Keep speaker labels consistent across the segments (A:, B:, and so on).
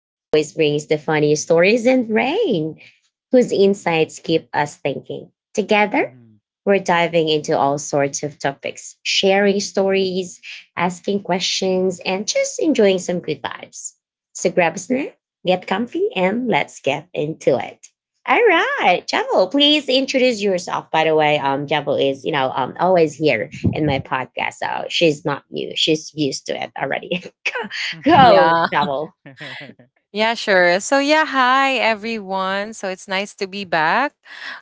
A: who always brings the funny stories, and Rain, whose insights keep us thinking. Together, we're
B: Mhm.
A: diving into all sorts of topics, sharing stories, asking questions, and just enjoying some good vibes. So grab a snack, get comfy, and let's get into it. All right, Javel, please introduce yourself. By the way, Javel is always here in my podcast, so she's not new; she's used to it already. Go,
C: Yeah.
A: Javel.
C: Yeah, sure. So yeah, hi everyone. So it's nice to be back.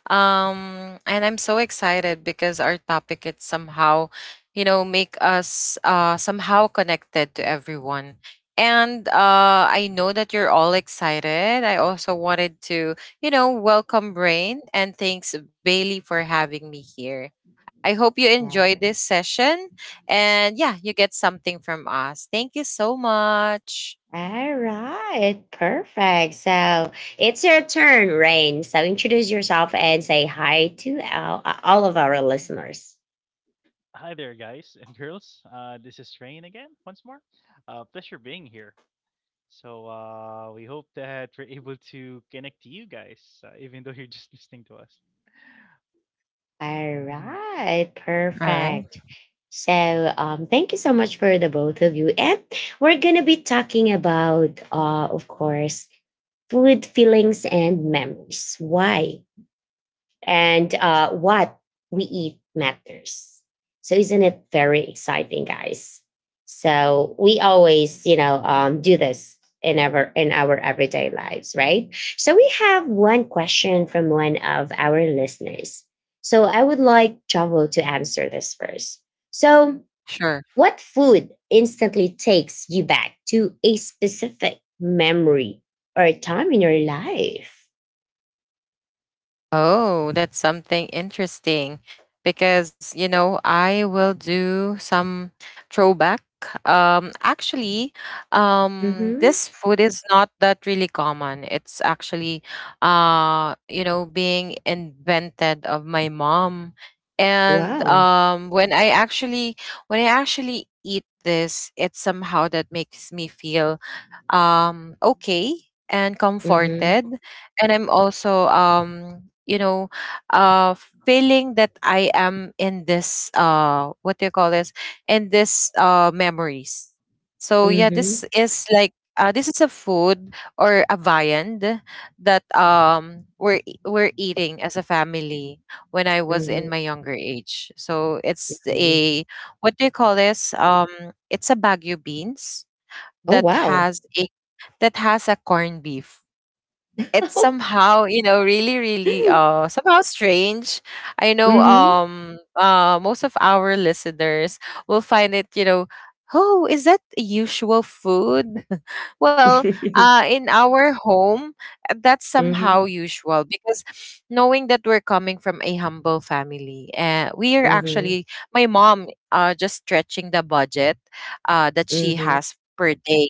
C: And I'm so excited because our topic it's somehow, make us somehow connected to everyone. And I know that you're all excited. I also wanted to, welcome Brain, and thanks Bailey for having me here. I hope you enjoy
A: Right.
C: this session, and yeah, you get something from us. Thank you so much.
A: All right, perfect. So it's your turn, Rain. So introduce yourself and say hi to all of our listeners.
B: Hi there, guys and girls. This is Rain again, once more. Pleasure being here. So, we hope that we're able to connect to you guys, even though you're just listening to us.
A: All
B: Mhm.
A: right,
C: All right.
A: perfect. So thank you so much for the both of you, and we're gonna be talking about, of course, food, feelings, and memories. Why and what we eat matters. So, isn't it very exciting, guys? So we always, do this in our everyday lives, right? So we have one question from one of our listeners. So I would like Chavo to answer this first. So
C: Sure.
A: what food instantly takes you back to a specific memory or a time in your life?
C: Oh, that's something interesting because, I will do some throwback. Actually,
A: Mm-hmm.
C: this food is not that really common. It's actually, being invented of my mom. And
A: Wow.
C: um, when I actually eat this, it's somehow that makes me feel okay and comforted,
A: Mm-hmm.
C: and I'm also uh feeling that I am in this, what do you call this, in this, memories. So yeah,
A: Mm-hmm.
C: this is like, this is a food or a viand that we're eating as a family when I was
A: Mm-hmm.
C: in my younger age. So it's a, what do you call this? It's a bagu beans
A: Oh,
C: that
A: wow.
C: has a corned beef. It's somehow, really, really
A: Mm-hmm.
C: somehow strange. I know, most of our listeners will find it, oh, is that a usual food? Well, in our home, that's
A: mm-hmm. Mm-hmm.
C: somehow usual, because knowing that we're coming from a humble family, we are
A: Mm-hmm.
C: actually my mom just stretching the budget that she
A: Mm-hmm.
C: has per day.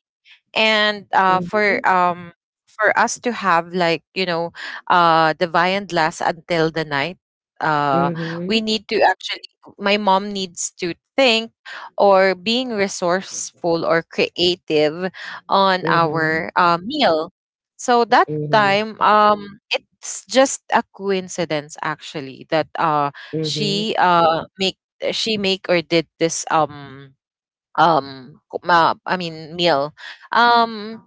C: And for us to have, like, the viand last until the night. uh we
A: Mm-hmm.
C: need to actually My mom needs to think, or being resourceful or creative on
A: Mm-hmm. Mm-hmm.
C: our, meal. So that
A: Mm-hmm. Mm-hmm.
C: time, it's just a coincidence, actually, that
A: Mm-hmm.
C: she uh make she make or did this, I mean, meal. Um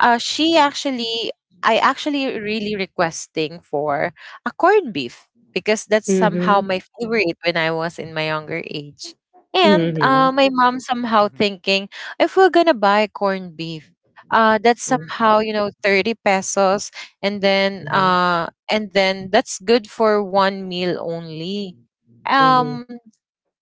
C: she
B: Mm.
C: actually I actually really requesting for a corned beef because that's somehow my favorite when I was in my younger age. And my
B: Wow.
C: mom somehow
B: Mhm.
C: thinking, if we're gonna buy corned beef, that's somehow, 30 pesos, and then that's good for one meal only.
A: Mm-hmm.
C: um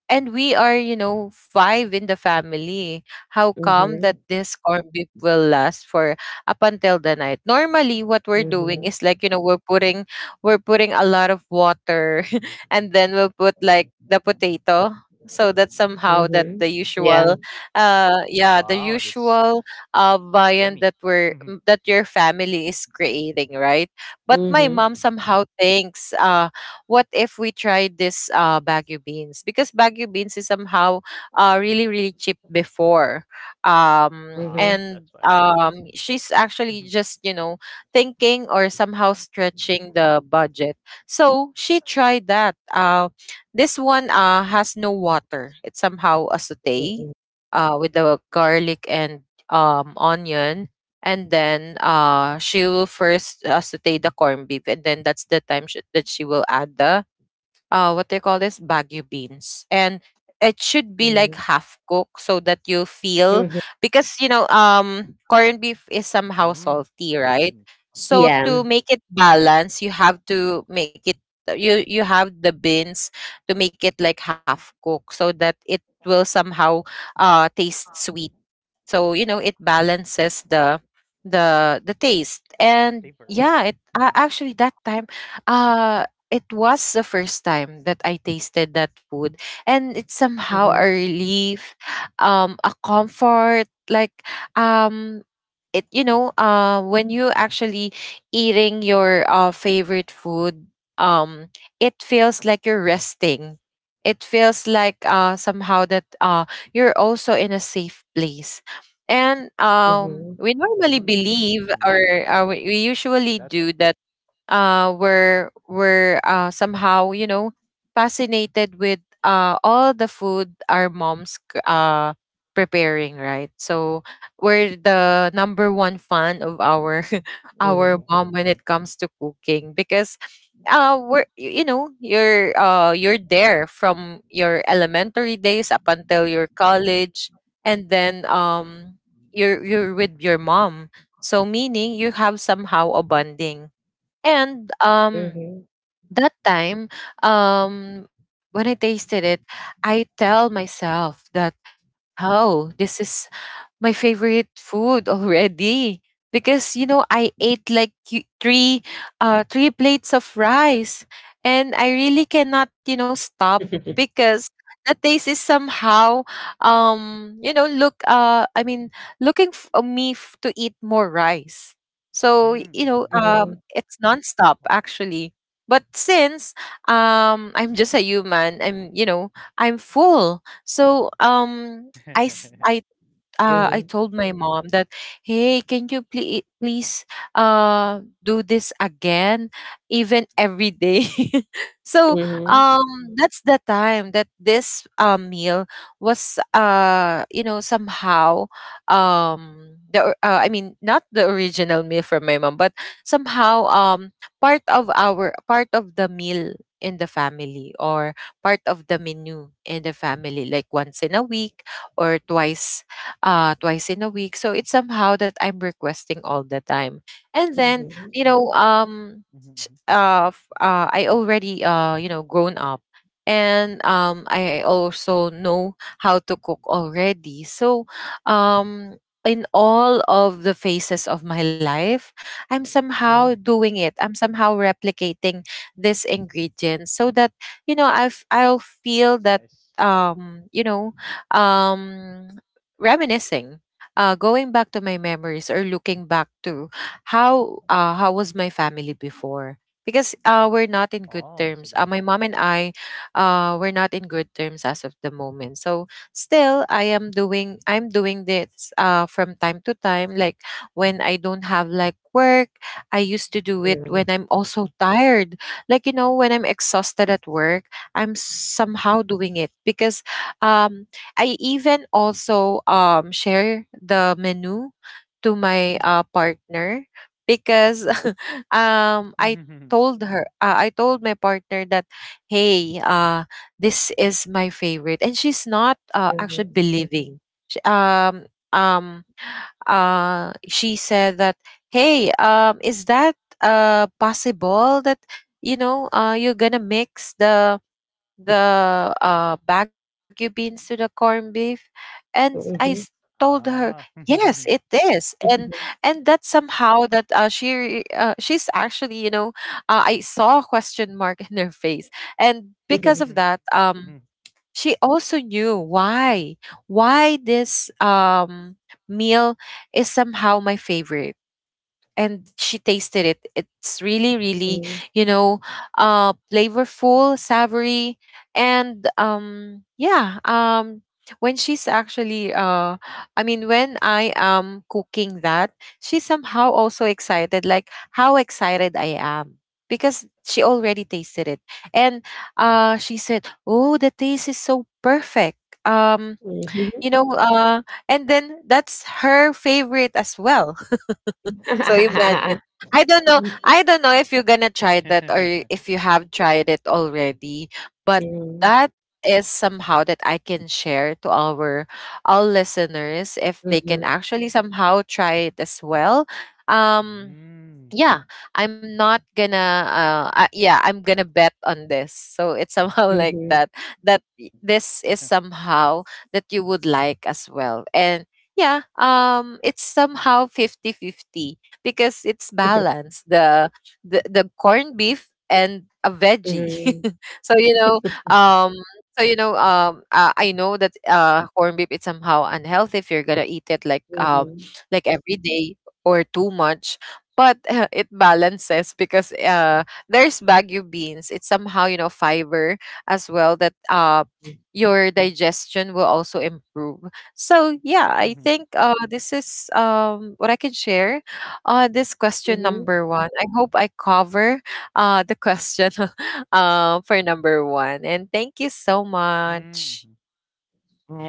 C: and we are, five in the family. How come
A: Mm-hmm.
C: that this corned beef will last for up until the night? Normally, what we're doing is like, we're putting a lot of water, and then we'll put like the potato. So that's somehow that
A: Mm-hmm.
C: the usual,
A: Mm-hmm.
C: yeah, the
B: Wow,
C: usual
B: that's
C: viand that
B: yummy.
C: that
B: Mm-hmm.
C: your family is creating, right? But my
A: Yeah.
C: mom somehow
B: Mm-hmm.
C: thinks, what if we try this, Baguio beans? Because Baguio beans is somehow, really, really cheap before. Um,
A: Mhm,
C: and
B: Ah, so that's why.
C: um, she's actually just,
B: Mhm.
C: thinking or somehow stretching the budget. So she tried that. This one, has no water. It's somehow a saute,
A: mm,
C: with the garlic and, onion, and then she will first, saute the corned beef, and then that's the time that she will add the, what they call this, bagu beans, and it should be like
A: mm,
C: half cooked so that you feel,
A: mhm.
C: because corned beef is somehow salty,
B: Mm.
C: right?
B: Yummy.
C: So
A: Yeah.
C: to make it balance, you
B: Yeah, yeah,
C: have
B: yeah.
C: to make it, you have the beans, to make it like half cooked so that it will somehow taste sweet, so it balances the taste. And
B: The
C: yeah, it,
B: flavor.
C: actually
B: Mhm.
C: that time, uh it was the first time that I tasted that food, and it's somehow a
A: Mhm,
C: relief, a comfort, like, um it, when you actually eating your favorite food. um it feels like you're resting. It feels like, somehow that you're also in a safe place. And
A: mhm,
C: we normally believe, or,
B: Mm.
C: we usually do
B: So,
C: that,
B: that's all.
C: were somehow, fascinated with, all the food our moms, preparing, right? So we're the number one fan of our our
A: mm,
C: mom when it comes to cooking, because we're, you're, you're there from your elementary days up until your college. And then you're with your mom, so meaning you have somehow a bonding. And
A: mhm.
C: that time, when I tasted it, I tell myself that, oh, this is my favorite food already, because I ate like, three plates of rice, and I really cannot, stop because the taste is somehow, look, I mean, looking for me, to eat more rice. So,
B: Mm, mhm,
A: Mhm,
B: mhm.
C: it's nonstop
B: Wow.
C: actually. But since, I'm just a human, I'm you know I'm full. So, I s- I
A: mhm.
C: told my mom that, hey, can you please please, do this again, even every day? So
A: Mhm.
C: um,
B: Mhm,
C: that's the time that this, meal was, somehow, I mean, not the original meal from my mom, but somehow, part of the meal in the family, or part of the menu in the family, like once in a week or twice in a week. So it's somehow that I'm requesting all the time. And
A: Mhm,
C: then,
A: mhm,
C: you know, um,
B: mhm, mhm.
C: I already, grown up. And I also know how to cook already. So, um, in all of the phases of my life, I'm somehow doing it. I'm somehow replicating this ingredient so that I'll feel
B: Ah, that's
C: that,
B: nice.
C: um you know um reminiscing, going back to my memories, or looking back to how, how was my family before, because, we're not in good terms, my
B: Oh,
C: mom
B: so
C: and
B: that's why.
C: I, we're not in good terms as of the moment. So still, I'm doing this, from time to time, like when I don't have like work. I used to do it
A: mhm,
C: when I'm also tired, like, when I'm exhausted at work. I'm somehow doing it because, um I even also, share the menu to my, partner, because um I
B: Mhm,
C: I told my partner that, hey, this is my favorite, and she's not, actually
A: mhm,
C: believing. she, um um she said that, hey, is that, possible that, you're gonna mix the, bagu beans to the corned beef, and
A: mhm.
C: told her,
B: ah.
C: "Yes, it
B: Mhm,
C: is," and
A: Mhm,
C: and that somehow that, she's actually, I saw a question mark in her face, and
A: mhm.
C: because of that,
B: mhm.
C: she also knew why, this, meal is somehow my favorite. And she tasted it. It's really, really,
A: Mm,
C: you know, flavorful, savory, and, yeah. When she's actually, I mean, when I am cooking that, she's somehow also excited, like how excited I am because she already tasted it, and, she said, "Oh, the taste is so perfect." Um, you know, uh, and then that's her favorite as well, so imagine. I don't know. I don't know if you're gonna try that, or if you have tried it already, but
A: mhm,
C: that is somehow that I can share to our all listeners, if they can actually somehow try it as well. Um yeah,
B: Mm.
C: I'm not gonna I, yeah, I'm gonna bet on this, so it's somehow like
A: mhm,
C: that, that, this is somehow that you would like as well. And yeah, it's somehow 50 fifty, because it's
A: mhm,
C: balanced the the corned beef and a veggie. So um I know that, corned beef is somehow unhealthy if you're gonna eat it like,
A: mhm,
C: every day or too much. But, it balances because, there's bagu beans. It's somehow, fiber as well, that,
A: mhm,
C: your digestion will also improve. So yeah, I think,
B: Mhm,
C: this is, what I can share. This question
A: mhm.
C: number one, I hope I cover, the question, for number one, and thank you so much.
B: mhm.
A: All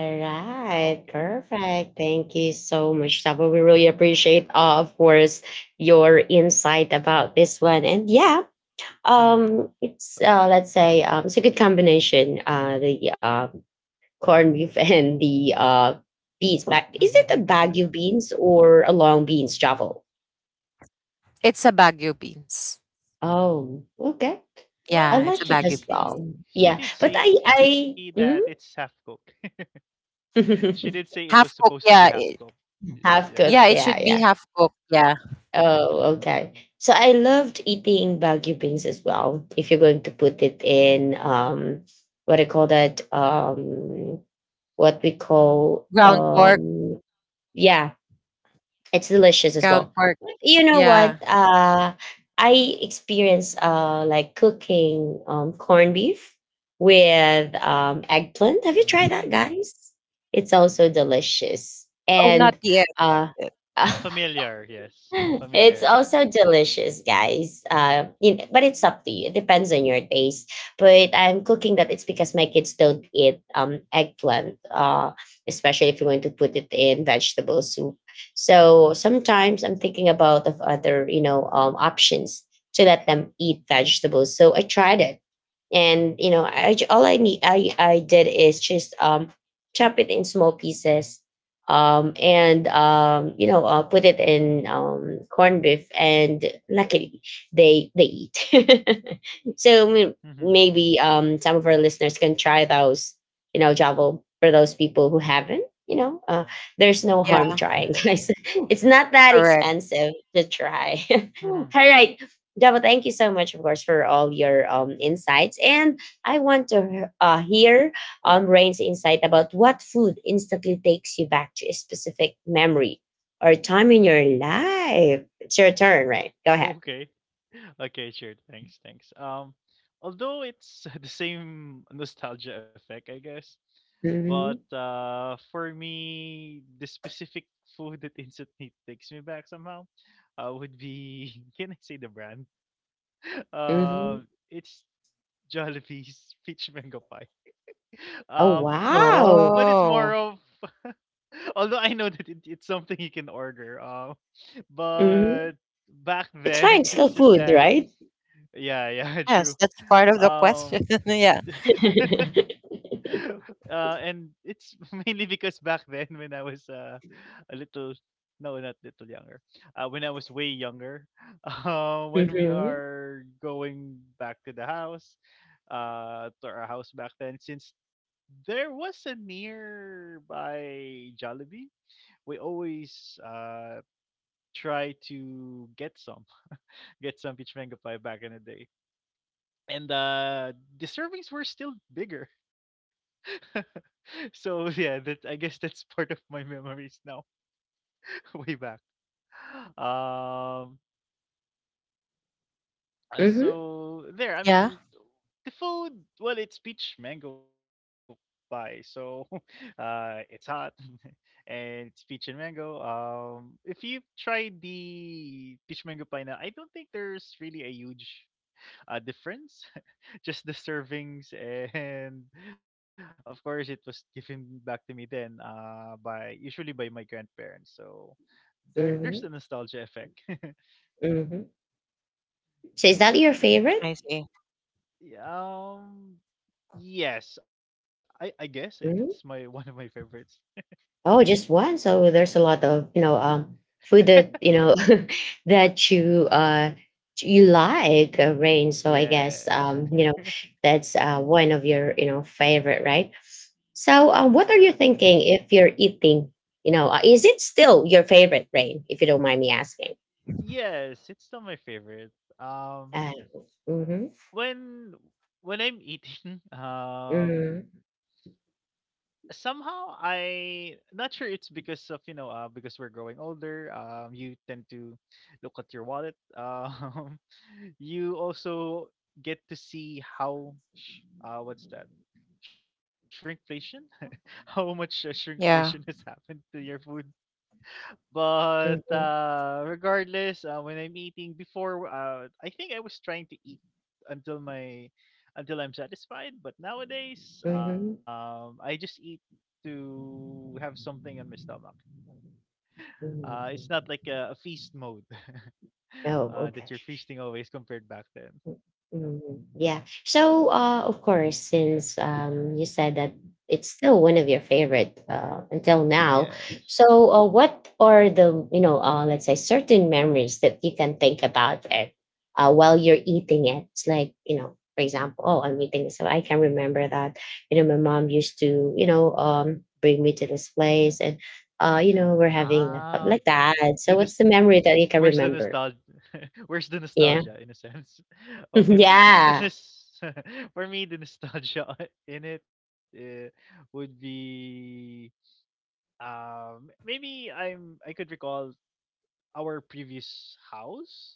B: Ah,
A: right,
B: okay.
A: perfect. Thank you so much, Tabo. We really appreciate, of course, your
B: Yeah.
A: insight about this one. And yeah,
B: Mhm.
A: it's, let's
B: Something
A: say,
B: new.
A: it's a good combination. The corn beef and the beans. But is it a bagu beans or a long beans, Javo?
C: It's a bagu beans.
A: Oh, okay. I
C: Yeah, it's a
A: liked it
C: bagu
B: Well,
A: as
C: beans.
A: well. Yeah,
B: she
A: but I
B: did say
A: I
B: that
A: mhm.
B: it's half cooked. She did say it was
C: Half cooked,
B: supposed to be
C: yeah.
B: half cooked.
A: Half
C: Yeah,
A: cook.
C: it
A: Yeah,
C: should
B: Yes.
C: be
A: yeah.
C: half cooked, yeah.
A: Oh, okay. So I loved eating Baguio beans as well. If you're going to put it in, what I call that, what we call,
C: Ground pork,
A: yeah, it's delicious as
C: ground
A: well.
C: pork,
A: You know
C: yeah.
A: what? I experienced, like, cooking corned beef with eggplant. Have you tried that,
B: Mm.
A: guys? It's also delicious.
C: Oh, not
A: And
C: yet.
A: uh,
C: eh,
B: Familiar. Yes.
A: It's
B: Familiar.
A: also delicious, guys. But it's up to you. It depends on your taste. But I'm cooking that. It's because my kids don't eat eggplant, especially if you want to put it in vegetable soup. So sometimes I'm thinking about of other, options to let them eat vegetables. So I tried it, and you know I, j- all I need I did is just chop it in small pieces, and put it in corned beef, and luckily they eat. So
B: Mhm.
A: maybe some of our listeners can try those, Javo, for those people who haven't, there's no
C: Yeah,
A: harm trying,
B: Yes.
A: guys. It's not that
C: correct.
A: expensive to try. All
B: Mhm.
A: right, yeah, thank you so much, of course, for all your insights. And I want to hear Rain's insight about what food instantly takes you back to a specific memory or time in your life. It's your turn, Rain. Go ahead.
B: Okay. Okay, sure. Thanks, thanks. Although it's the same nostalgia effect, I guess,
A: Hmm.
B: but for me, the specific food that instantly takes me back somehow, would be can I say the brand?
A: Hmm.
B: It's Jollibee's peach mango pie.
A: Oh,
B: Um, but
A: wow.
B: but it's
C: Oh,
B: more of although I know that it, it's something you can order.
A: Hmm.
B: But back
A: It's fine. It's
B: then
A: still
B: it's just
A: food,
B: that.
A: right?
B: Yeah, yeah,
C: yes, that's
B: true.
C: part of the question.
B: Um,
C: yeah,
B: and it's mainly because back then when I was a little, no, not little younger, when I was way younger, when we
A: Hmm.
B: are going back to the house, to our house back then, since there was a nearby Jollibee, we always try to get some, get some peach mango pie back in the day, and the servings were still bigger. So yeah, that I guess that's part of my memories now. Way back. um
A: Hmm.
B: so there I mean,
C: yeah,
B: the food, well, it's peach mango pie, so it's hot and it's peach and mango. If you've tried the peach mango pie now, I don't think there's really a huge difference, just the servings. And of course it was given back to me then by usually by my grandparents, so there's the
A: Hmm.
B: nostalgia effect.
A: Hmm. So, is that your
B: So
A: favorite?
C: I see.
B: y- um yes, I guess it's my one of my favorites.
A: Oh, just one. So there's a lot of, food that
B: Yes.
A: that you like, Rain. So I guess,
B: Yes.
A: that's, one of your, favorite, right? So,
B: Yes.
A: what are
B: Yes.
A: you thinking if you're eating? Is it still your favorite, Rain? If you don't mind me asking.
B: Yes, it's still my favorite. um
A: Uh, mm-hmm,
B: when when I'm eating,
A: mm-hmm,
B: somehow I not sure it's because of because we're growing older. You tend to look at your wallet. um you also get to see how what's that, shrinkflation. How much shrinkflation has
C: Yeah,
B: happened to your food. But
A: mm-hmm,
B: regardless, when I'm eating before, I think I was trying to eat until my, until I'm satisfied. But
A: mm-hmm.
B: nowadays, I just eat to have something on my stomach. It's
A: Mm-hmm.
B: not like a feast mode.
A: Oh, okay.
B: That you're feasting always compared back then.
A: Mhm. Yeah. So, of course, since you said that it's still one of your favorite until now,
B: Yes.
A: so what are the, let's say, certain memories that you can think about it while you're eating it? It's like, for example, oh, I'm eating, so I can remember that, my mom used to, bring me to this place, and we're
B: Ah,
A: having like
B: okay.
A: that.
B: The nost-
A: So, what's the memory that you
B: Where's
A: can
B: the
A: remember?
B: nostalgia? Where's the
A: Yeah.
B: nostalgia in a sense? Okay, for me the
A: Yeah.
B: for me the nostalgia in it, would be maybe I could recall our previous house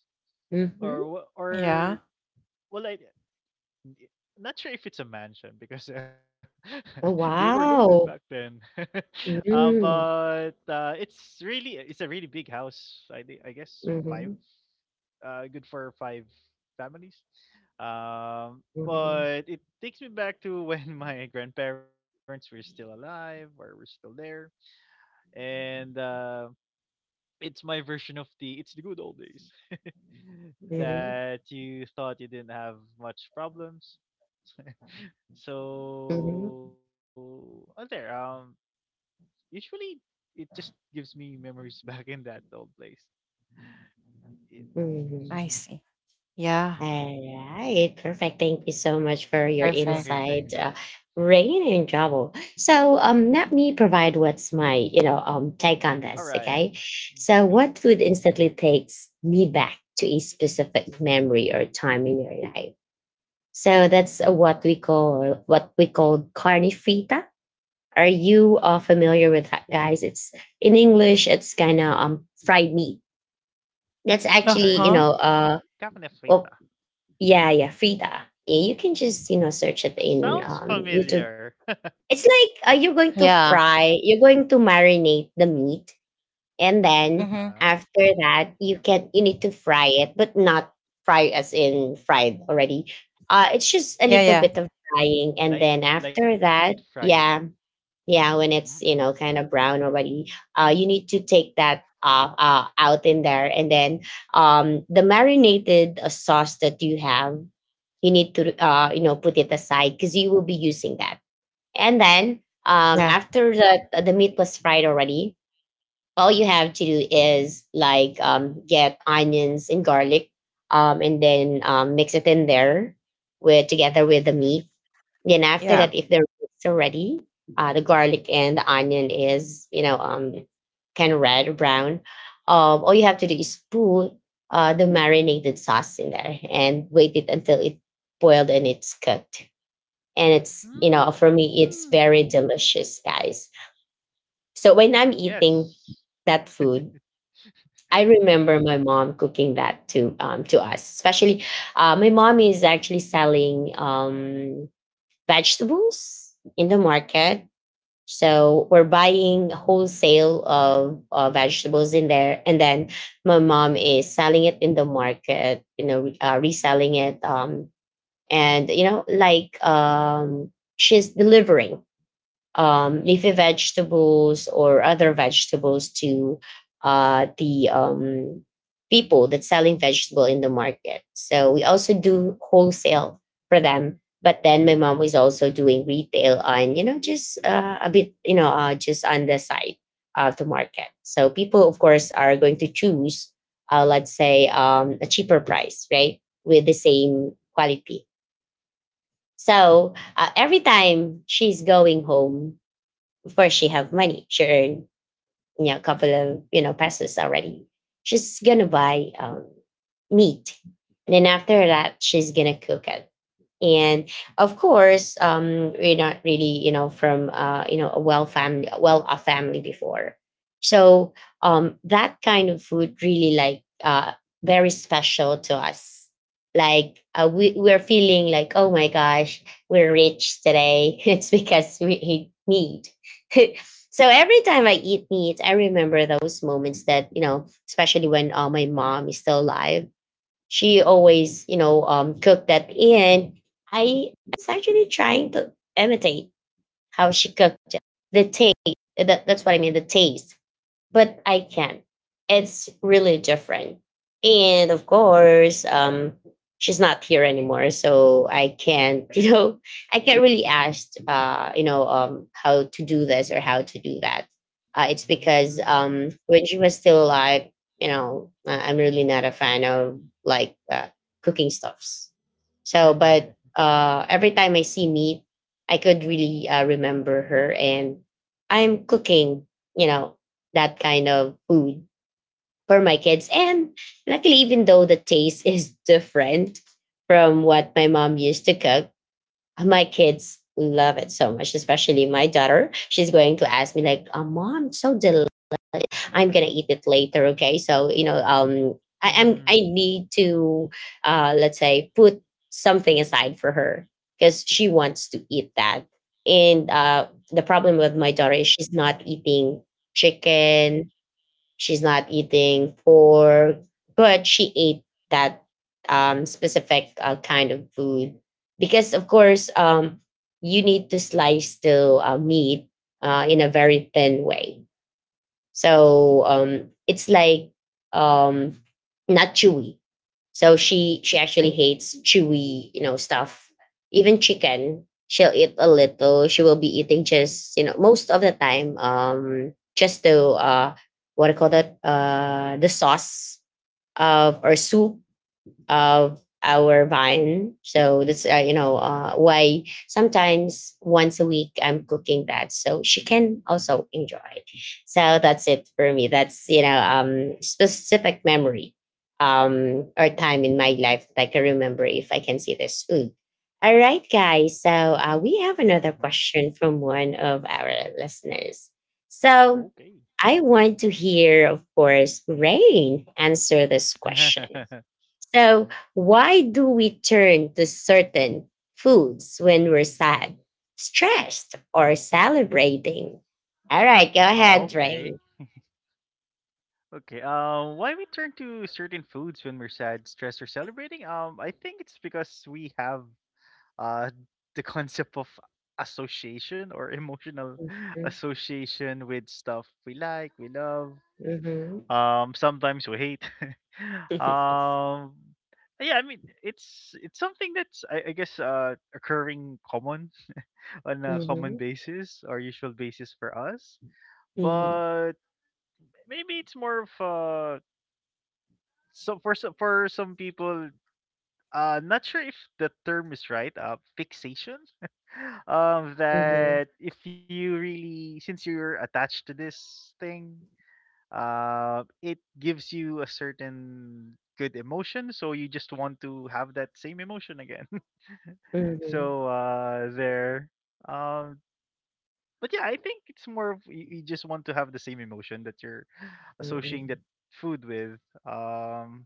A: Mhm.
B: or
C: yeah,
B: I not sure if it's a mansion because they
A: Oh,
B: were loaded back then.
A: wow. Mm.
B: But it's really, it's a really big house. I guess five,
A: Mhm,
B: good for five families.
A: mhm,
B: But it takes me back to when my grandparents were still alive or were still there, and it's my version of the, it's the good old days.
A: mhm,
B: That you thought you didn't have much problems.
A: mhm,
B: So oh, there. Usually it just gives me memories back in that old place. In
C: I
A: mhm.
C: see. Yeah,
A: Alright, perfect. Thank you so much for your
C: perfect.
B: okay,
A: insight,
B: thanks.
A: Rain and Travel. So, let me provide what's my, take on this.
B: All
A: Okay,
B: right,
A: so what
B: go ahead.
A: food instantly takes me back to a specific memory or time in your life? So that's, what we call carne frita. Are you familiar with that, guys? It's in English. It's kind of fried meat. That's
C: Uh
A: actually,
C: huh.
B: Carne, carne
A: well,
B: frita.
A: yeah, yeah, frita. Yeah, you can just, search it in
B: Sounds
A: YouTube.
B: familiar.
A: It's like, you're
B: I,
A: going to
C: Yeah.
A: fry. You're going to marinate the meat, and then
C: Mm-hmm.
B: uh-huh.
A: after that you need to fry it, but not fry as in fried already. It's just a
C: Yeah,
A: little
C: yeah,
A: bit of frying, and then
B: Light,
A: after
B: light
A: that,
B: frying.
A: yeah, yeah, when
B: Mm-hmm.
A: it's, kind of brown already, you need to take that out in there, and then the marinated, sauce that you have, you need to, put it aside, because you will be using that. And then,
C: yeah,
A: after the meat was fried already, all
B: Uh-huh,
A: you
B: uh-huh,
A: have to do is, like, get onions and garlic, and then, mix it in there with, together with the meat. Then, after that,
C: yeah,
A: if the meat's already, the garlic and the onion is, kind of red or brown, all you have to do is put the marinated sauce in there and wait it until it boiled and it's cooked. And it's,
B: uh-huh.
A: for me,
B: Mm,
A: it's very delicious, guys. So when I'm eating
B: yes.
A: that food, I remember my mom cooking that to us, especially my mom is actually selling vegetables in the market. So we're buying wholesale of vegetables in there, and then my mom is selling it in the market. You know, reselling it, and, like, she's delivering leafy vegetables or other vegetables to, the, people that's selling vegetable in the market. So we also do wholesale for them. But then my mom was also doing retail on, just, a bit, just on the side of the market. So people, of course, are going to choose, let's say, a cheaper price, right, with the same quality. So every time she's going home, of course, she have money. She earned, a couple of, pesos already. She's gonna buy meat, and then after that, she's gonna cook it. And of course, we're not really, from, a family before. So that kind of food really, like, very special to us. Like, we're feeling like, oh my gosh, we're rich today. It's because we eat meat. So every time I eat meat, I remember those moments, that, especially when my mom is still alive, she always, cooked that in. I was actually trying to imitate how she cooked it. The taste. That's what I mean, the taste, but I can. It's really different. And of course, she's not here anymore, so I can't, I can't really ask, how to do this or how to do that. It's because
B: Mm-hmm.
A: when she was still alive, I'm really not a fan of like, cooking stuffs. So, but every time I see meat, I could really, remember her, and I'm cooking, you know, that kind of food for my kids. And luckily, even though the taste is different from what my mom used to cook, my kids love it so much, especially my daughter. She's going to ask me, like, oh, Mom, it's so delicious. I'm gonna eat it later. Okay. So, I
B: Mhm.
A: need to, let's say, put something aside for her because she wants to eat that. And the problem with my daughter is she's not eating chicken. She's not eating pork, but she ate that specific kind of food because, of course, you need to slice the meat in a very thin way, so it's like, um, not chewy. So she actually hates chewy, stuff. Even chicken, she'll eat a little. She will be eating just most of the time, just to what I call that the sauce of or soup of our vine. So that's why sometimes once a week I'm cooking that, so she can also enjoy. So that's it for me. That's specific memory or time in my life that I can remember if I can see this food. All right, guys. So we have another
B: Hmm.
A: question from one of our listeners. So
B: Okay.
A: I want to hear, of course, Rain answer this question. So, why do we turn to certain foods when we're sad, stressed, or celebrating? All right, go ahead,
B: Okay.
A: Rain.
B: Okay. Why we turn to certain foods when we're sad, stressed, or celebrating? I think it's because we have uh the concept of association or emotional
A: Mhm,
B: association with stuff we like, we love.
A: mhm,
B: Sometimes we hate. um, yeah. I mean, it's something that's, I guess occurring common on a common
A: mhm,
B: basis or usual basis for us.
A: mhm,
B: But maybe it's more of some for some for some people, not sure if the term is right, fixation.
A: mhm,
B: That if you really, since you're attached to this thing, it gives you a certain good emotion, so you just want to have that same emotion again.
A: mhm,
B: So there. Um but yeah, I think it's more of you, you just want to have the same emotion that you're associating that food with. Um,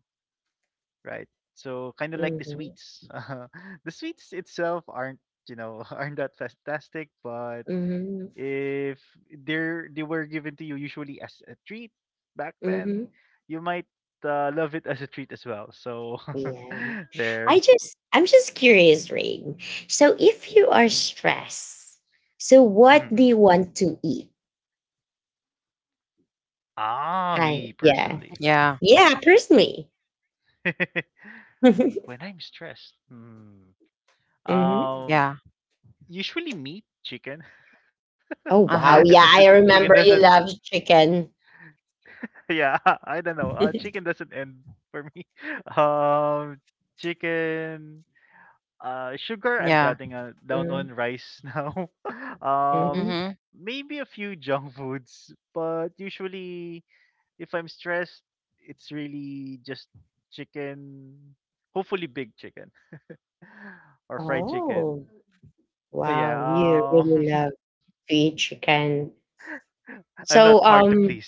B: right. So kind of like
A: mhm,
B: the
A: mhm,
B: sweets. The sweets itself aren't, aren't that fantastic, but
A: mhm,
B: if they were given to you usually as a treat back then,
A: mhm.
B: you might love it as a treat as well. So
A: Yeah.
B: there.
A: I'm just curious, Rain. So, if you are stressed, so
B: Mhm,
A: what do you
B: mhm.
A: want to eat?
B: Ah, me
A: I, yeah,
B: personally.
C: yeah,
A: yeah, personally.
B: When I'm stressed. Hmm.
A: hmm
B: Um,
C: yeah.
B: Usually meat, chicken.
A: Oh
C: Uh
B: It
A: wow!
C: huh.
B: doesn't
A: Yeah, I
B: chicken
A: remember
B: doesn't
A: you love chicken.
B: yeah, I don't know. Chicken doesn't end for me. Um, Chicken, sugar, I'm
C: Yeah.
B: cutting down on rice now.
A: Mm-hmm.
C: Mm-hmm.
B: Maybe a few junk foods, but usually if I'm stressed, it's really just chicken, hopefully big chicken or fried chicken.
A: Oh wow! You
B: Yeah,
A: really love to eat chicken.
B: I'm not hard
A: So
B: to please.
A: um,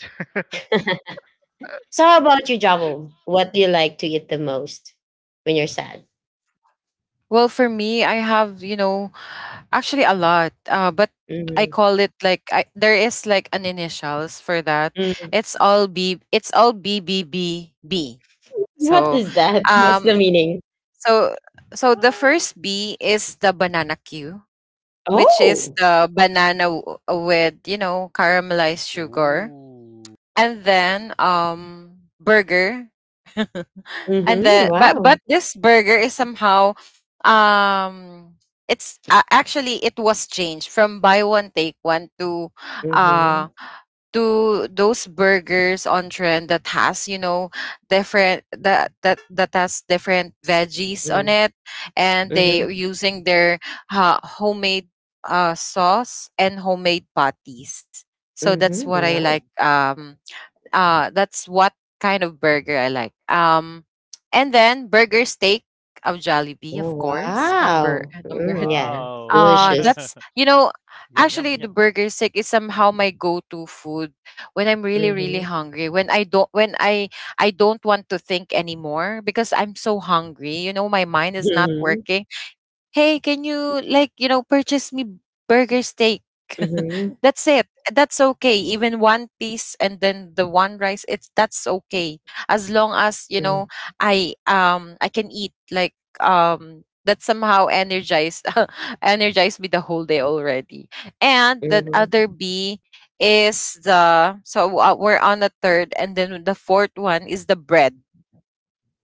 A: so how about you, Javel? What do you like to eat the most when you're sad?
C: Well, for me, I have, actually a lot. But I
A: Mm-hmm.
C: call it like, there is like an initials for that.
A: Mm.
C: It's all B. It's all BBBB.
A: What
C: So,
A: is that? What's the
C: um,
A: meaning?
C: so so the
B: What?
C: first B is the banana Q, which is
A: Oh.
C: the banana with caramelized sugar,
B: Ooh.
C: and then burger. And
A: Mm-hmm.
C: the
A: Wow.
C: but this burger is somehow, um it's actually it was changed from buy one take one uh
A: Mm-hmm.
C: to those burgers on trend that has, different that has different veggies on
A: Mm.
C: it, and they
A: Mm-hmm.
C: are using their homemade sauce and homemade patties. So that's
A: Mm-hmm.
C: what I
A: Wow.
C: like. That's what kind of burger I like. And then burger steak of Jollibee, of
A: Oh,
C: course. Number
A: wow.
C: number.
A: Mm,
C: Three.
A: yeah.
B: Wow.
A: Delicious.
C: That's, you know,
B: Yum, yum,
C: actually the
B: yum.
C: burger steak is somehow my go-to food when I'm really really
A: Mm-hmm.
C: hungry. When I don't want to think anymore because I'm so hungry. You know, my mind is not working. Hey, can you like purchase me burger steak?
A: Mhm,
C: That's it. That's okay. Even one piece and then the one rice, it's that's okay. As long as, you know,
A: mm,
C: I can eat like that somehow energize energize me the whole day already. And the
A: mhm,
C: other B is the, we're on the third, and then the fourth one is the bread.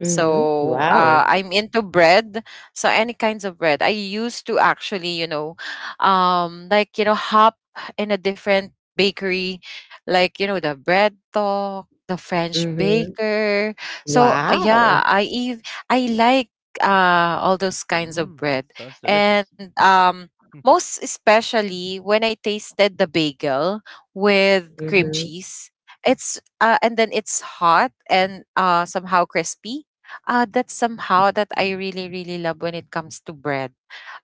A: mhm, wow,
C: I'm into bread. So any kinds of bread. I used to actually, you know, like you know, hop in a different bakery, like you know, the bread talk, the French
A: mhm,
C: baker. So
A: wow,
C: yeah, ev- I like all those kinds of
B: Mmm.
C: bread,
B: Sounds delicious.
C: and most especially when I tasted the bagel with cream
A: mhm,
C: cheese. It's and then it's hot and somehow crispy. That's somehow that I really, really love when it comes to bread.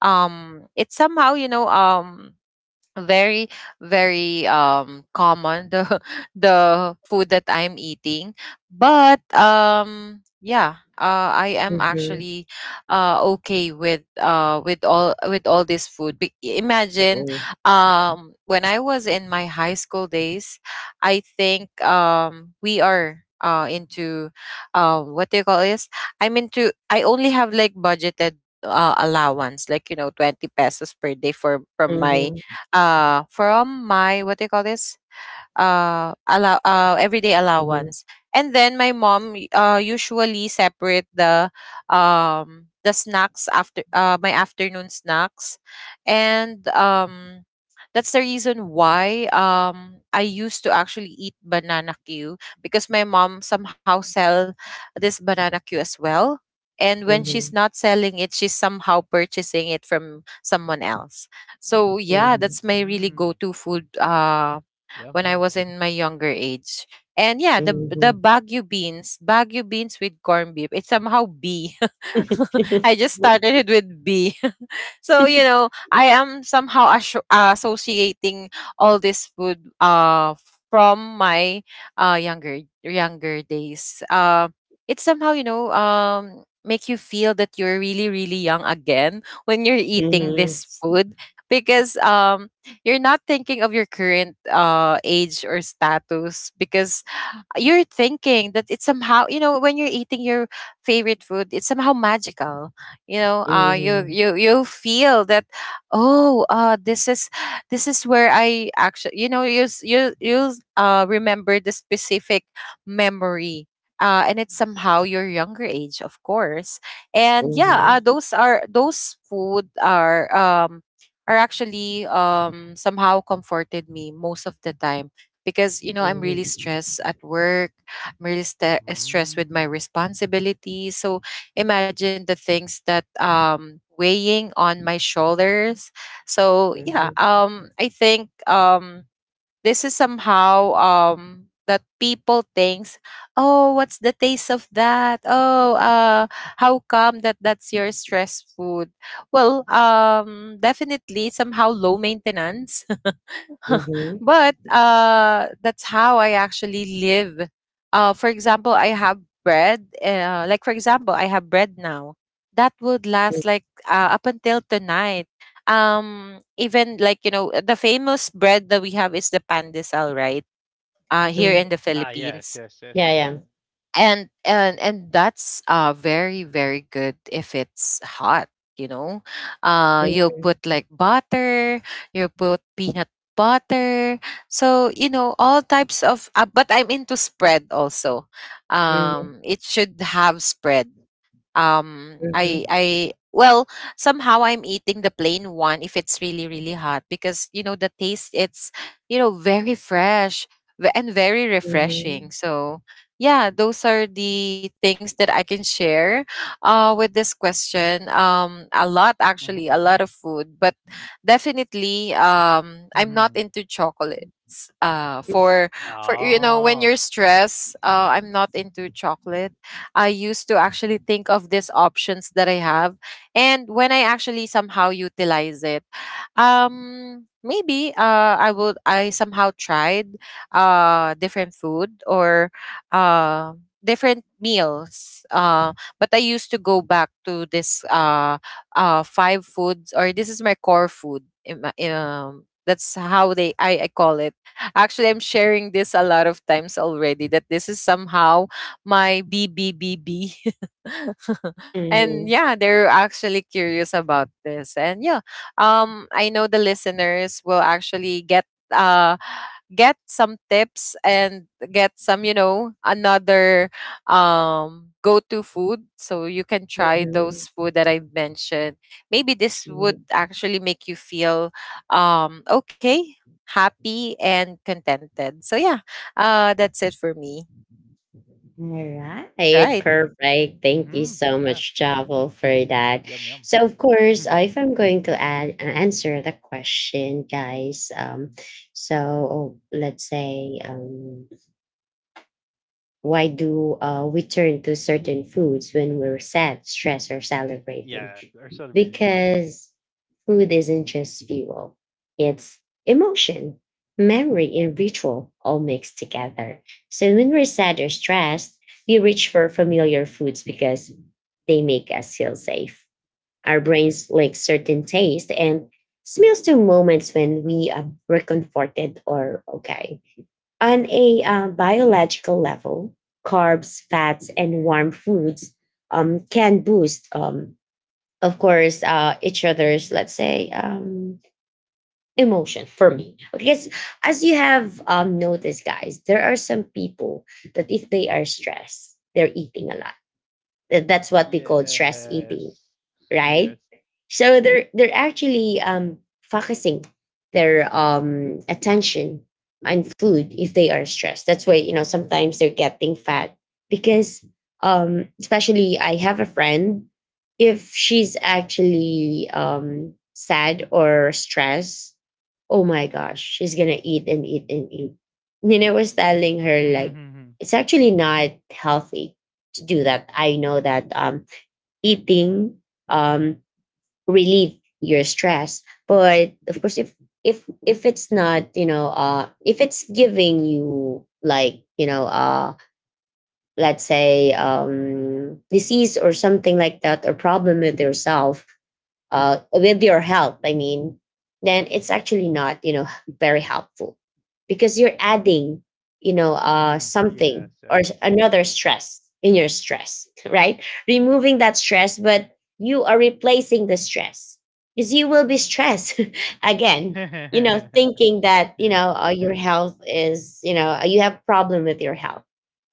C: It's somehow, you know, very very common the the food that I'm eating. But yeah, I am
A: mhm,
C: actually okay with all this food. Imagine
A: mm,
C: when I was in my high school days, I think we are into, what do you call this, I only have like budgeted allowance, like you know, 20 pesos per day for from my
A: mhm,
C: from my, what do you call this, allow everyday
A: mhm,
C: allowance. And then my mom usually separate the snacks after my afternoon snacks. And that's the reason why I used to actually eat banana Q, because my mom somehow sell this banana Q as well. And when she's
A: mhm,
C: not selling it, she's somehow purchasing it from someone else. So yeah,
A: mhm,
C: that's my really
B: Mmm.
C: go-to food
B: Yum,
C: when I
B: yum.
C: was in my younger age. And yeah, the
A: mhm.
C: Baguio beans with corned beef. It's somehow B. I just started it with B. So you know, I am somehow associating all this food from my younger days. It's somehow, you know, make you feel that you're really really young again when you're eating
A: Mhm,
C: this food, because you're not thinking of your current age or status, because you're thinking that it's somehow, you know, when you're eating your favorite food, it's somehow magical. You know, you
A: mhm,
C: you feel that, oh, this is, this is where I actually, you know, you you remember the specific memory, and it's somehow your younger age, of course. And yeah,
A: mhm,
C: those are, those food are actually, somehow comforted me most of the time, because, you know, I'm really
A: mhm,
C: stressed at work, I'm really stressed with my
B: Mmm.
C: responsibilities. So imagine the things that, weighing on my shoulders. So yeah,
A: mhm,
C: I think, this is somehow, that people thinks, oh, what's the taste of that? Oh, how come that that's your stress food? Well, definitely somehow low maintenance,
A: mhm,
C: but that's how I actually live. For example, I have bread. Like for example, I have bread now that would last like up until tonight. Even like you know the famous bread that we have is the pandesal, right? Here
A: mhm.
C: in the
B: Ah,
C: Philippines.
B: yes, yes,
A: Yeah,
B: yes.
A: yeah.
C: And that's very very good if it's hot, you know, you'll
A: Mhm,
C: put like butter, you'll put peanut butter. So you know, all types of but I'm into spread also.
A: mhm,
C: Um, it should have spread. um i
A: mhm,
C: i well, somehow I'm eating the plain one if it's really really hot, because you know the taste, it's, you know, very fresh, and very
A: mhm,
C: refreshing. So yeah, those are the things that I can share with this question. Um, a lot,
B: Mm-hmm,
C: actually a
B: mm-hmm.
C: lot of food, but definitely, I'm not
B: Mm-hmm.
C: into chocolates, uh for for, you know, when
B: Oh.
C: you're stressed, I'm not into chocolate. I used to actually think of these options that I have, and when I actually somehow utilize it. Um, maybe I would, I somehow tried different food, or uh different meals, but I used to go back to this five foods, or this is my core food, that's how they, I call it. Actually, I'm sharing this a lot of times already, that this is somehow my B B B B, and
A: mhm,
C: yeah, they're actually curious about this. And yeah, I know the listeners will actually uh get some tips, and get some, you know, another go-to food, so you can try
A: mhm,
C: those food that I mentioned. Maybe this would
A: mhm.
C: actually make you feel okay, happy and contented. So yeah, that's it for me.
A: All
C: Right.
A: right, perfect. Thank you
B: Mm-hmm.
A: so
B: Yeah.
A: much, Javel, for that.
B: Yum, yum.
A: So, of course, if I'm going to add answer the question, guys, so let's say, why do we turn to certain foods when we're sad, stressed, or celebrating?
B: Yeah, they're celebrating.
A: Because food isn't just fuel, it's emotion, memory, and ritual all mixed together. So when we're sad or stressed, we reach for familiar foods because they make us feel safe. Our brains like certain taste and smells to moments when we were comforted or okay. On a biological level, carbs, fats, and warm foods can boost, of course, each other's, let's say, emotion for me. Because as you have noticed, guys, there are some people that if they are stressed, they're eating a lot. That's what we call stress eating,
B: Yes.
A: right?
B: Yes.
A: So they're actually focusing their attention on food if they are stressed. That's why you know sometimes they're getting fat because, especially I have a friend if she's actually sad or stressed. Oh my gosh, she's gonna eat and eat and eat. Nina was telling her like it's actually not healthy to do that. I know that eating um, relieve your stress, but of course, if if it's not you know if it's giving you like you know let's say disease or something like that or problem with yourself, with your help, I mean, then it's actually not, you know, very helpful because you're adding, you know,
B: Mm-hmm.
A: something or
B: Yes, yes.
A: another stress in your stress, right? Removing that stress, but you are replacing the stress because you will be stressed again, you know, thinking that, you know, your
B: Yeah.
A: health is, you know, you have problem with your health,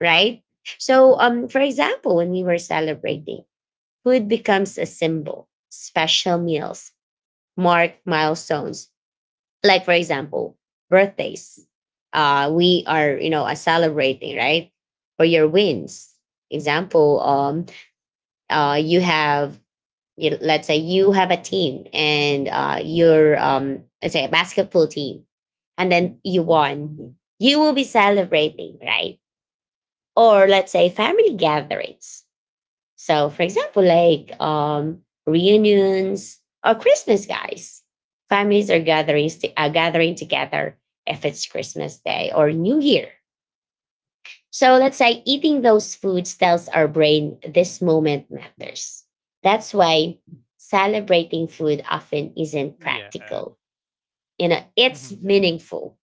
A: right? So, for example, when we were celebrating, food becomes a symbol, special meals mark milestones. Like, for example, birthdays. We are, you know, celebrating, right? For your wins. Example, you have, you, let's say you have a team and you're, let's say, a basketball team, and then you won. You will be celebrating, right? Or let's say family gatherings, so, for example, like reunions or Christmas, guys. Families are gathering together if it's Christmas Day or New Year. So, let's say eating those foods tells our brain this moment matters. That's why celebrating food often isn't
B: Yeah.
A: practical. You know, it's
B: Mhm. Yes.
A: meaningful,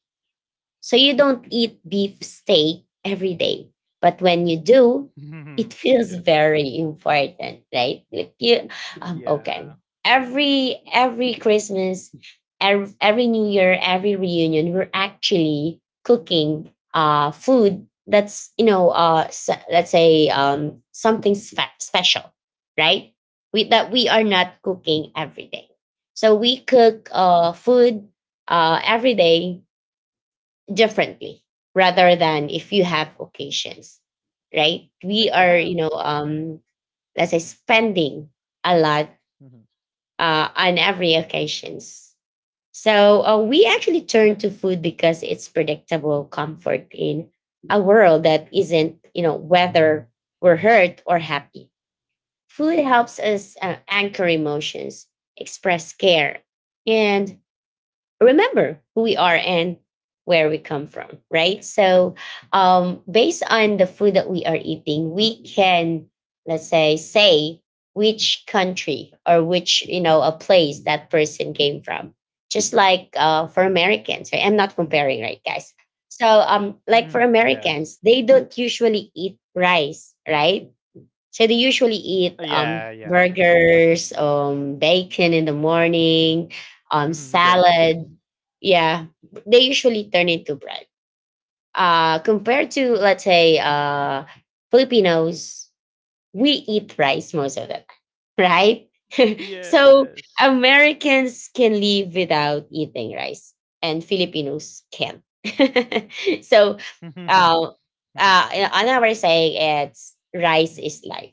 A: so you don't eat beef steak every day. But when you do, it feels
B: Yes.
A: very important, right? Like you, okay.
B: Yeah.
A: Every Christmas, every New Year, every reunion, we're actually cooking food that's you know let's say something special, right? We that we are not cooking every day. So we cook food every day differently rather than if you have occasions, right? We
B: Like the
A: are you know
B: ham.
A: let's say spending a lot
B: Mhm.
A: on every occasions. So we actually turn to food because it's predictable comfort in a world that isn't, you know, whether we're hurt or happy, food helps us anchor emotions, express care, and remember who we are and where we come from, right? So, based on the food that we are eating, we can, let's say, say which country or which, you know, a place that person came from. Just like for Americans, right? I'm not comparing, right, guys? So, like for
B: Mhm.
A: Americans, they
B: Yes.
A: don't usually eat rice, right? So they usually eat
B: Yeah, yeah.
A: burgers, bacon in the morning,
B: Mhm.
A: salad.
B: Bread. Yes.
A: Yeah, they usually turn into bread. Compared to let's say Filipinos, we eat rice most of the time, right? so
B: Yes.
A: Americans can live without eating rice, and Filipinos can. so,
B: Mhm.
A: uh,
B: Mhm.
A: another way saying it's rice is life,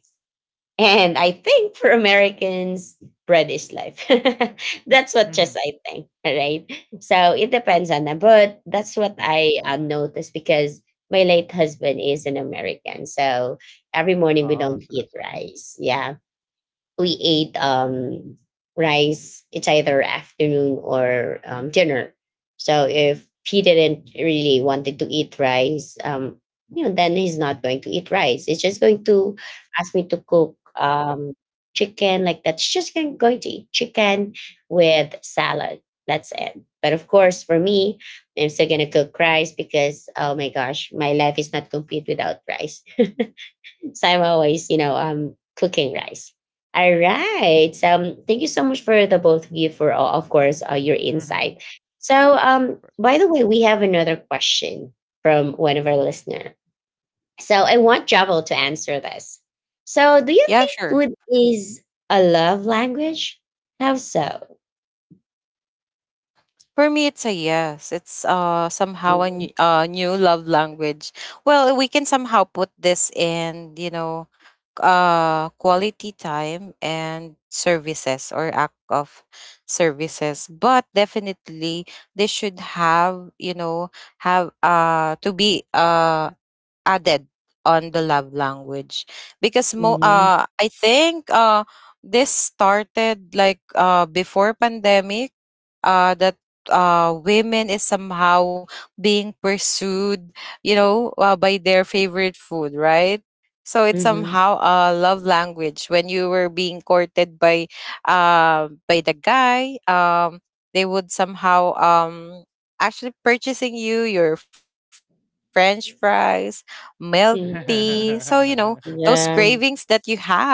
A: and I think for Americans, bread is life. that's what just I
B: Mhm.
A: think, right? So it depends on them. But that's what I noticed because my late husband is an American. So every morning we don't
B: Ah,
A: eat
B: so that's why.
A: rice. Yeah, we ate rice. It's either afternoon or dinner. So if he didn't really wanted to eat rice, you know, then he's not going to eat rice. He's just going to ask me to cook chicken like that. She's just going going to eat chicken with salad. That's it. But of course, for me, I'm still gonna cook rice because oh my gosh, my life is not complete without rice. So I'm always, you know, cooking rice. All right. So thank you so much for the both of you for, all, of course, your
B: Mhm.
A: insight. So,
B: Of course.
A: by the way, we have another question from one of our listener. So I want Javel to answer this. So, do you
C: Yeah,
A: think
C: sure.
A: food is a love language? How so?
C: For me, it's a yes. It's somehow a
A: Mhm,
C: new, new love language. Well, we can somehow put this in, you know, quality time and services, or act of services. But definitely, they should have, you know, have to be added on the love language, because mo
A: mhm,
C: I think this started like before pandemic, that women is somehow being pursued, you know, by their favorite food, right? So it's
A: mhm,
C: somehow a love language. When you were being courted by the guy, they would somehow actually purchasing you your French fries, milk tea. So you know
A: mhm.
C: those cravings that you
A: Yeah.
C: have.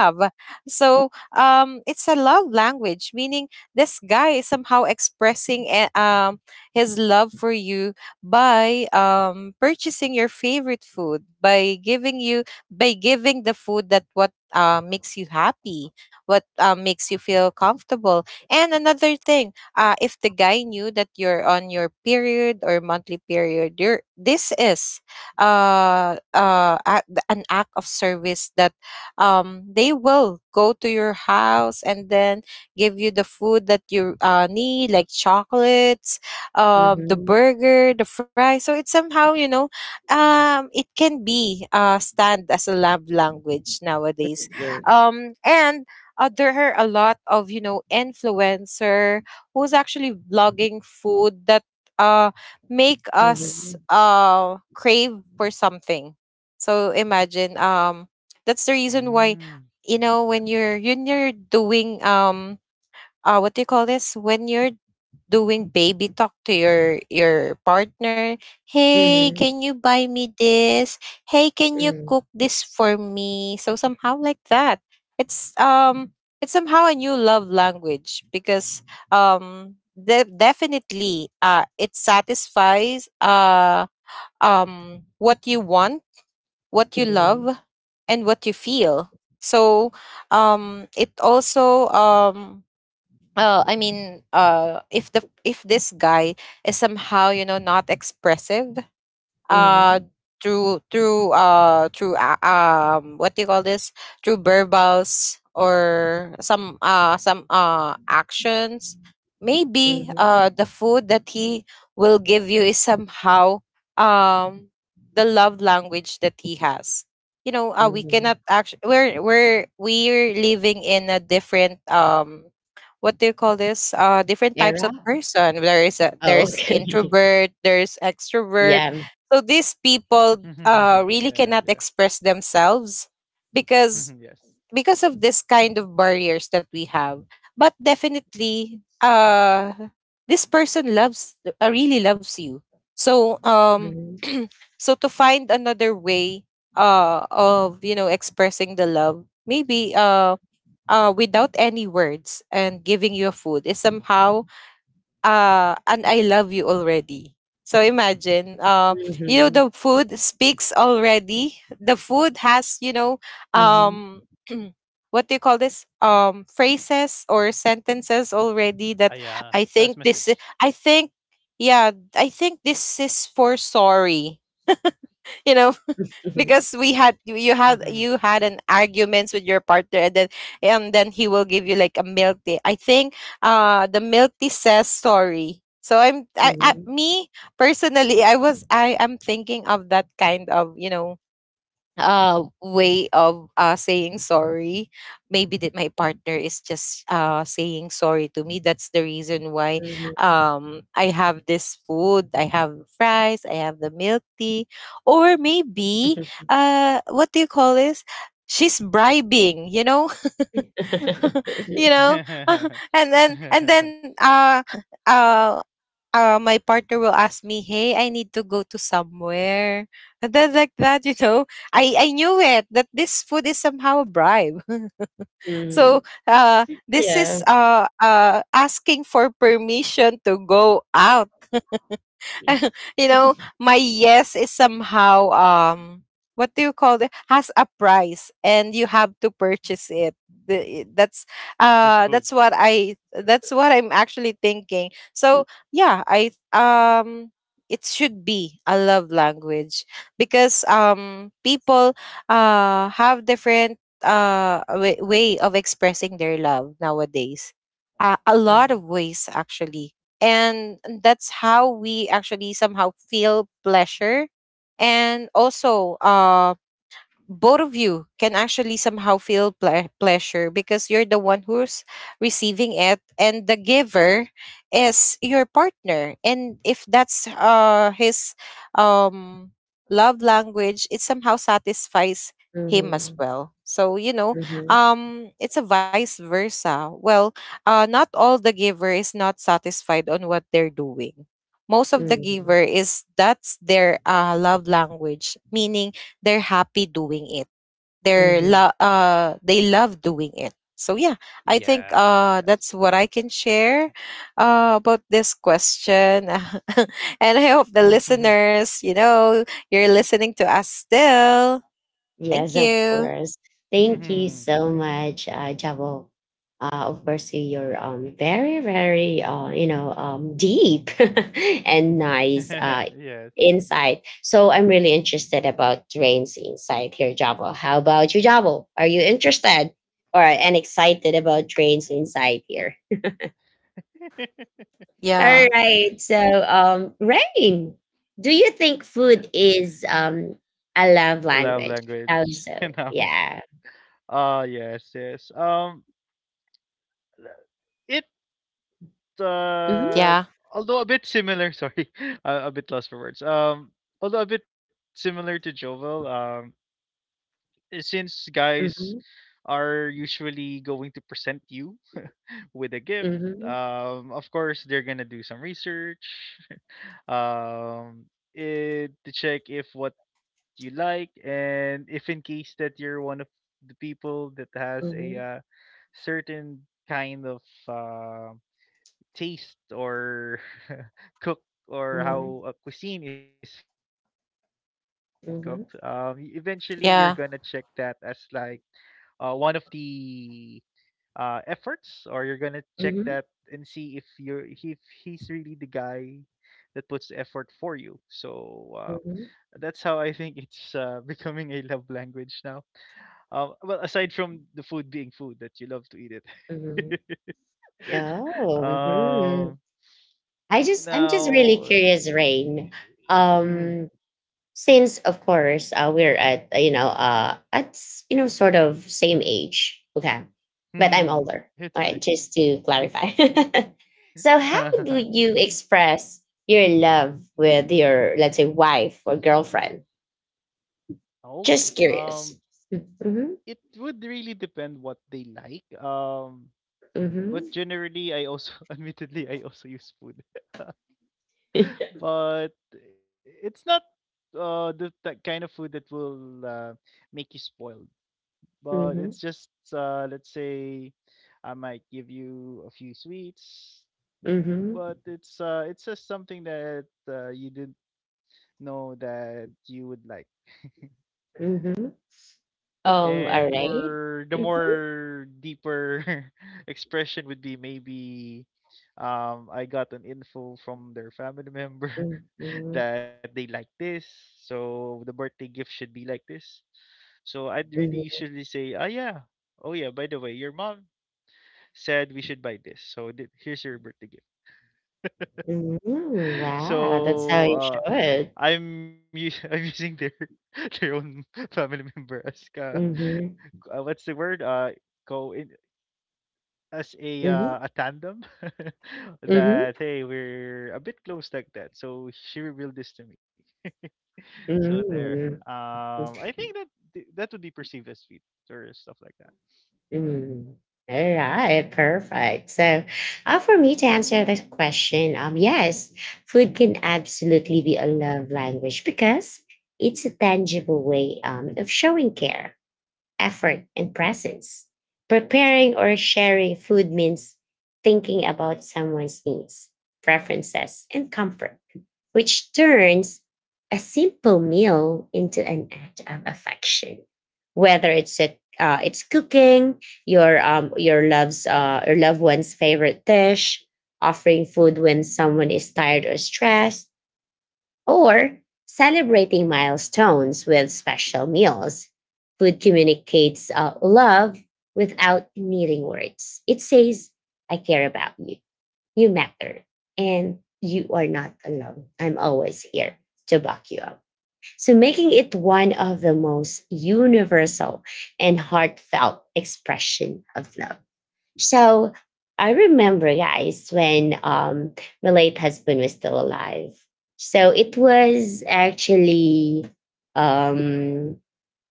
C: So it's a love language, meaning this guy is somehow expressing his love for you by purchasing your favorite food, by giving you, by giving the food that what makes you happy, what makes you feel comfortable. And another thing, if the guy knew that you're on your period or monthly period, you're, this is an act of service, that they will go to your house and then give you the food that you need, like chocolates, the
A: mhm,
C: burger, the fries. So it's somehow, you know, it can be stand as a love language nowadays.
A: Yeah.
C: And there are a lot of, you know, influencer who's actually blogging food that uh, make us
A: Mhm,
C: crave for something. So imagine, that's the reason why,
B: Mm.
C: you know,
B: Mhm.
C: when
B: Yeah.
C: you're when you're doing what do you call this, when you're doing baby talk to your partner, hey,
A: mhm,
C: can you buy me this, hey, can you
A: mhm,
C: cook this for me, so somehow like that. It's it's somehow a new love language, because definitely it satisfies what you want, what you
A: mhm,
C: love, and what you feel. So it also, I mean, if the, if this guy is somehow, you know, not expressive, uh
A: mhm.
C: through through through what do you call this, through verbals or some actions, maybe
A: Mhm,
C: the food that he will give you is somehow um the love language that he has. You know, we
A: mhm.
C: cannot actually, we're living in a different what do you call this, different types of
A: Era?
C: person. There is a,
A: Oh,
C: there's
A: okay.
C: introvert, there's extrovert.
A: Yeah,
C: So these people really cannot
B: Yeah,
C: express
B: yeah.
C: themselves, because
B: Yes.
C: because of this kind of barriers that we have. But definitely, this person loves, really loves you. So
A: mhm,
C: so to find another way of, you know, expressing the love, maybe, without any words, and giving you food is somehow and I love you already. So imagine, you know,
A: mhm,
C: the food speaks already. The food has, you know,
A: mhm,
C: um, what do you call this? Phrases or sentences already, that
B: Ah,
C: I
B: yeah.
C: think this,
B: Has
C: I
B: message.
C: think, yeah, I think this is for sorry. You know,
A: mhm,
C: because we had you you had an arguments with your partner, and then he will give you like a milk tea, I think. The milk tea says sorry. So
A: mhm,
C: me personally, I am thinking of that kind of, you know, way of saying sorry. Maybe that my partner is just saying sorry to me. That's the reason why
A: mhm.
C: I have this food, I have fries, I have the milk tea. Or maybe
A: Mhm.
C: what do you call this she's bribing, you know. You know, and then uh my partner will ask me, "Hey, I need to go to somewhere," and then like that, you know, I knew it that this food is somehow a bribe. So this is
A: Yeah.
C: asking for permission to go out. You know, my yes is somehow what do you call it? Has a price and you have to purchase it. The- That's
B: With food.
C: that's what I, that's what I'm actually thinking. So yeah, I it should be a love language because people have different way of expressing their love nowadays, a lot
A: Mhm,
C: of ways actually. And that's how we actually somehow feel pleasure. And also, both of you can actually somehow feel pleasure because you're the one who's receiving it, and the giver is your partner. And if that's his um love language, it somehow satisfies him as
A: mhm,
C: well. So you know,
A: mhm,
C: it's a vice versa. Well, not all the giver is not satisfied on what they're doing. Most of the
A: mhm,
C: giver is that's their love language, meaning they're happy doing it. They're they love doing it. So yeah, I think
B: Yes, yes.
C: that's what I can share about this question. And I hope the
A: mhm.
C: listeners, you know, you're listening to us still. Thank
A: Yes, of
C: you.
A: course. Thank you so much, Jabo. Uh, of course, your very very you know deep and nice
B: Yes.
A: insight. So I'm really interested about Rain's insight here, Jabo. How about you, Jabo? Are you interested or and excited about Rain's insight here? All
C: Yeah.
A: right. So Rain, do you think food is a love
B: Love
A: language?
B: language,
A: How
B: you
A: so?
B: know.
A: Yeah.
B: Ah, yes, yes. It uh,
C: Yeah.
B: although a bit similar. Sorry, a bit lost for words. Although a bit similar to Jovel. Eh, since guys
A: Mhm,
B: are usually going to present you with a gift,
A: mhm,
B: of course they're gonna do some research, um, eh, to check if what you like, and if in case that you're one of the people that has a
A: mhm,
B: certain kind of, uh, taste or cook or
A: mhm,
B: how a cuisine is cooked, e eventually you're gonna
A: mhm,
B: check that as like,
C: Yeah.
B: one of the, efforts, or you're gonna check that and see if
A: mhm,
B: you're if he's really the guy that puts effort for you. So, that's
A: mhm,
B: how I think it's, becoming a love language now. Well, aside from the food being food that you love to eat it.
A: mhm. Oh, mhm.
B: Um,
A: I'm just really
B: Now,
A: curious, Rain.
B: mhm,
A: Um, since of course we're at you know you know sort of same age, okay, but I'm
B: mhm,
A: older. All
B: it's
A: right,
B: right.
A: just to clarify. So, how do you express your love with your let's say wife or girlfriend?
B: Okay.
A: Just curious. Mm-hmm,
B: It would really depend what they like.
A: mm-hmm.
B: But generally, I also, admittedly, I also use food, but it's not the that kind of food that will make you spoiled. But
A: Mhm,
B: it's just let's say I might give you a few sweets,
A: mhm,
B: but it's, it's just something that you didn't know that you would like.
A: mhm.
B: And
A: Alright.
B: for the
A: Mhm,
B: more deeper expression would be maybe I got an info from their family member
A: mhm,
B: that they like this, so the birthday gift should be like this. So I'd really
A: mhm,
B: usually say, ah yeah, oh yeah, by the way, your mom said we should buy this, so here's your birthday gift.
A: mhm. Wow, that's how
B: So,
A: you should.
B: I'm us I'm using their their own family member as ka
A: Mhm,
B: what's the word? Go in as
A: mhm,
B: a tandem.
A: mhm,
B: That hey, we're a bit close like that. So she revealed this to me. So there.
A: mhm,
B: I think that that would be perceived as sweet or stuff like that.
A: mhm. Alright, perfect. So, for me to answer this question, yes, food can absolutely be a love language because it's a tangible way of showing care, effort, and presence. Preparing or sharing food means thinking about someone's needs, preferences, and comfort, which turns a simple meal into an act of affection. Whether it's a it's cooking your love's your loved one's favorite dish, offering food when someone is tired or stressed, or celebrating milestones with special meals. Food communicates love without needing words. It says, I care about you, you matter, and you are not alone. I'm always here to back you up. So, making it one of the most universal and heartfelt expression of love. So I remember, guys, when my late husband was still alive. So it was actually, um,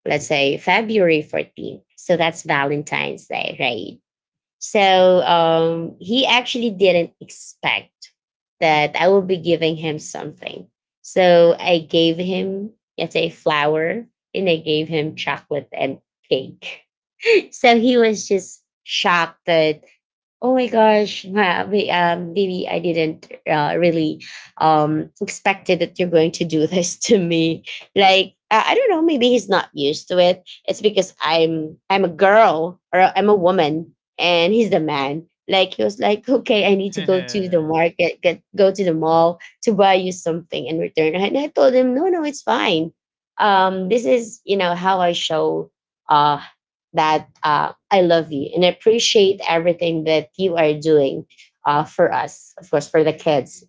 A: let's say, February 14th. So that's Valentine's Day, right? So he actually didn't expect that I will be giving him something. So I gave him, let's say, flower and I gave him chocolate and cake. so he was just shocked that oh my gosh, Bibi, I didn't really expected that you're going to do this to me. Like, I don't know, maybe he's not used to it. It's because I'm a girl or I'm a woman, and he's the man. Like he was like, okay, I need to go to the market, get go to the mall to buy you something in return. And I told him, no, no, it's fine. This is how I show uh, that I love you and appreciate everything that you are doing, for us, of course, for the kids